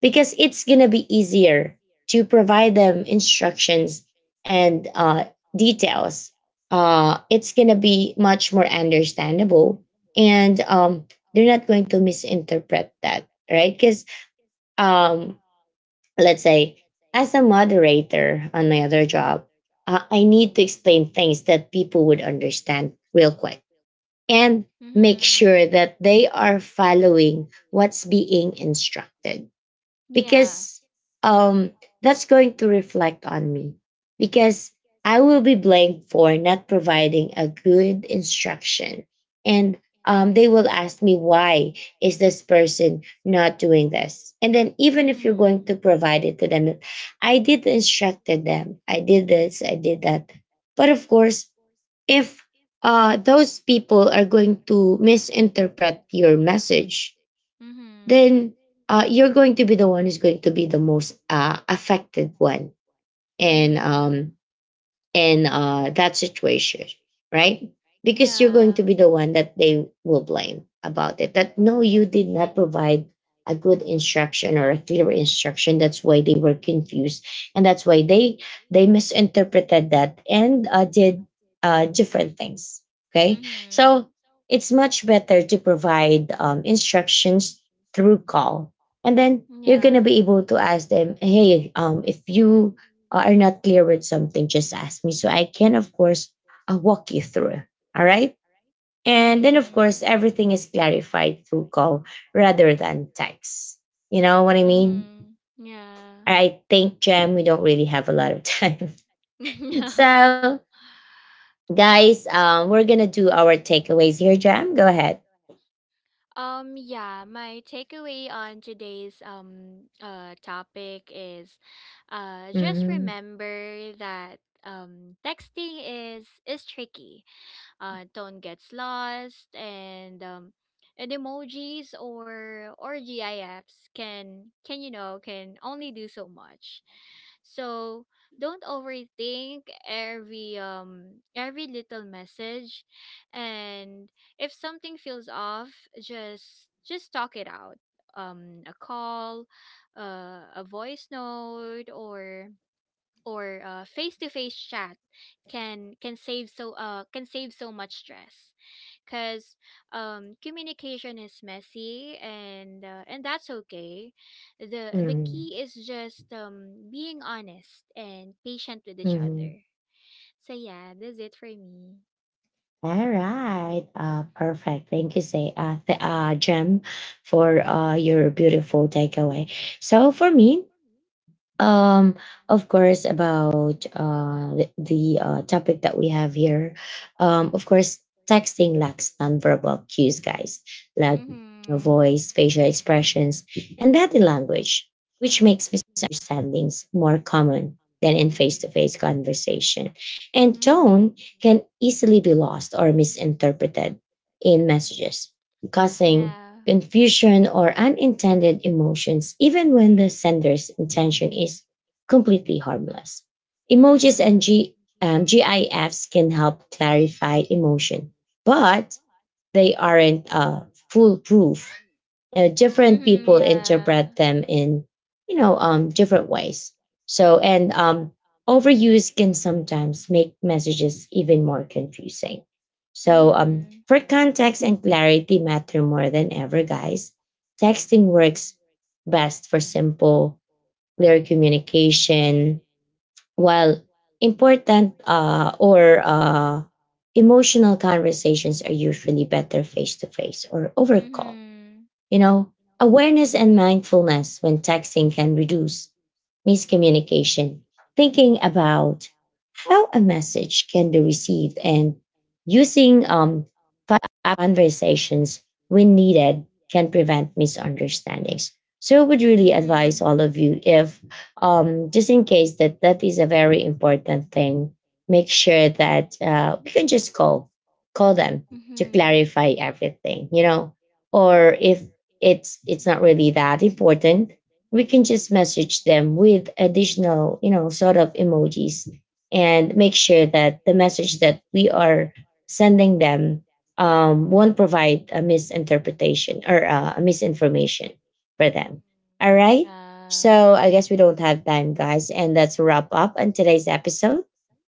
A: because it's going to be easier to provide them instructions and uh, details. Uh, it's going to be much more understandable, and um, they're not going to misinterpret that, right? Because um, let's say, as a moderator on my other job, uh, I need to explain things that people would understand real quick, and make
B: Mm-hmm.
A: sure that they are following what's being instructed,
B: Yeah.
A: because um that's going to reflect on me, because I will be blamed for not providing a good instruction, and um, they will ask me, why is this person not doing this? And then, even if you're going
B: Mm-hmm.
A: to provide it to them, I did instructed them, I did this, I did that. But of course, if uh, those people are going to misinterpret your message,
B: Mm-hmm.
A: then uh, you're going to be the one who's going to be the most uh, affected one, and
B: Mm-hmm.
A: um, in uh, that situation, right? Because you're going
B: Yeah.
A: to be the one that they will blame about it. That, no, you did not provide a good instruction or a clear instruction. That's why they were confused, and that's why they they misinterpreted that, and uh, did uh, different things. Okay,
B: Mm-hmm.
A: so it's much better to provide um, instructions through call, and then you're gonna
B: Yeah.
A: be able to ask them, hey, um, if you uh, are not clear with something, just ask me, so I can, of course, uh, walk you through. All right. And then, of course,
B: Mm-hmm.
A: everything is clarified through call rather than text. You know what I mean?
B: Mm-hmm. Yeah.
A: I think, Jem, we don't really have a lot of time.
B: Yeah.
A: So, guys, um, we're going to do our takeaways here, Jem. Go ahead.
B: Um, yeah, my takeaway on today's um uh topic is, Uh, just
A: Mhm.
B: remember that um, texting is is tricky. Uh, tone gets lost, and um, and emojis or or GIFs can can you know, can only do so much. So don't overthink every um every little message, and if something feels off, just just talk it out. Um a call, uh, a voice note, or or uh, face-to-face chat can can save so uh can save so much stress, because um communication is messy, and uh, and that's okay. The the
A: Mhm.
B: key is just um being honest and patient with each
A: Mhm.
B: other. So yeah, that's it for me.
A: All right. Uh, perfect. Thank you, say, uh, th- uh, Jem, for uh, your beautiful takeaway. So for me, Um, of course, about uh, the, the uh, topic that we have here. Um, of course, texting lacks nonverbal cues, guys, like your
B: Mm-hmm.
A: voice, facial expressions, and body language, which makes misunderstandings more common than in face-to-face conversation. And
B: Mm-hmm.
A: tone can easily be lost or misinterpreted in messages, causing
B: Yeah.
A: confusion or unintended emotions, even when the sender's intention is completely harmless. Emojis and G, um, GIFs can help clarify emotion, but they aren't uh, foolproof. Uh, different
B: Mm-hmm.
A: people interpret
B: Yeah.
A: them in, you know, um, different ways. So, and um, overuse can sometimes make messages even more confusing. So um,
B: Mm-hmm.
A: for context and clarity matter more than ever, guys. Texting works best for simple, clear communication, while important uh, or uh, emotional conversations are usually better face to face or over call,
B: Mm-hmm.
A: you know. Awareness and mindfulness when texting can reduce miscommunication. Thinking about how a message can be received and using um, five conversations when needed can prevent misunderstandings. So I would really advise all of you, if um, just in case that that is a very important thing, make sure that uh, we can just call, call them to
B: Mm-hmm.
A: clarify everything, you know. Or if it's it's not really that important, we can just message them with additional, you know, sort of emojis, and make sure that the message that we are sending them um, won't provide a misinterpretation or uh, a misinformation for them. All right.
B: Yeah.
A: So I guess we don't have time, guys, and that's a wrap up on today's episode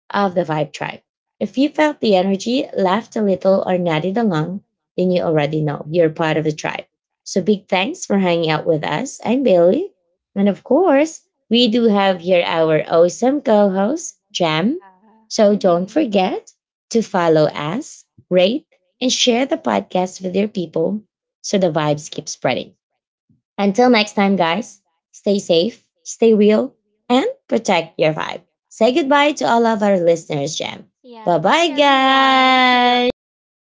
A: of the Vibe Tribe. If you felt the energy, laughed a little, or nodded along, then you already know you're part of the tribe. So big thanks for hanging out with us. I'm Bailey. And of course, we do have here our awesome co host, Jam.
B: Yeah.
A: So don't
B: Mm-hmm.
A: forget to follow us, rate, and share the podcast with your people, so the vibes keep spreading. Until next time, guys, stay safe, stay real, and protect your vibe. Say goodbye to all of our listeners, Jam. Bye
B: Yeah, bye
A: bye,
B: everyone. See you on
A: guys.
B: next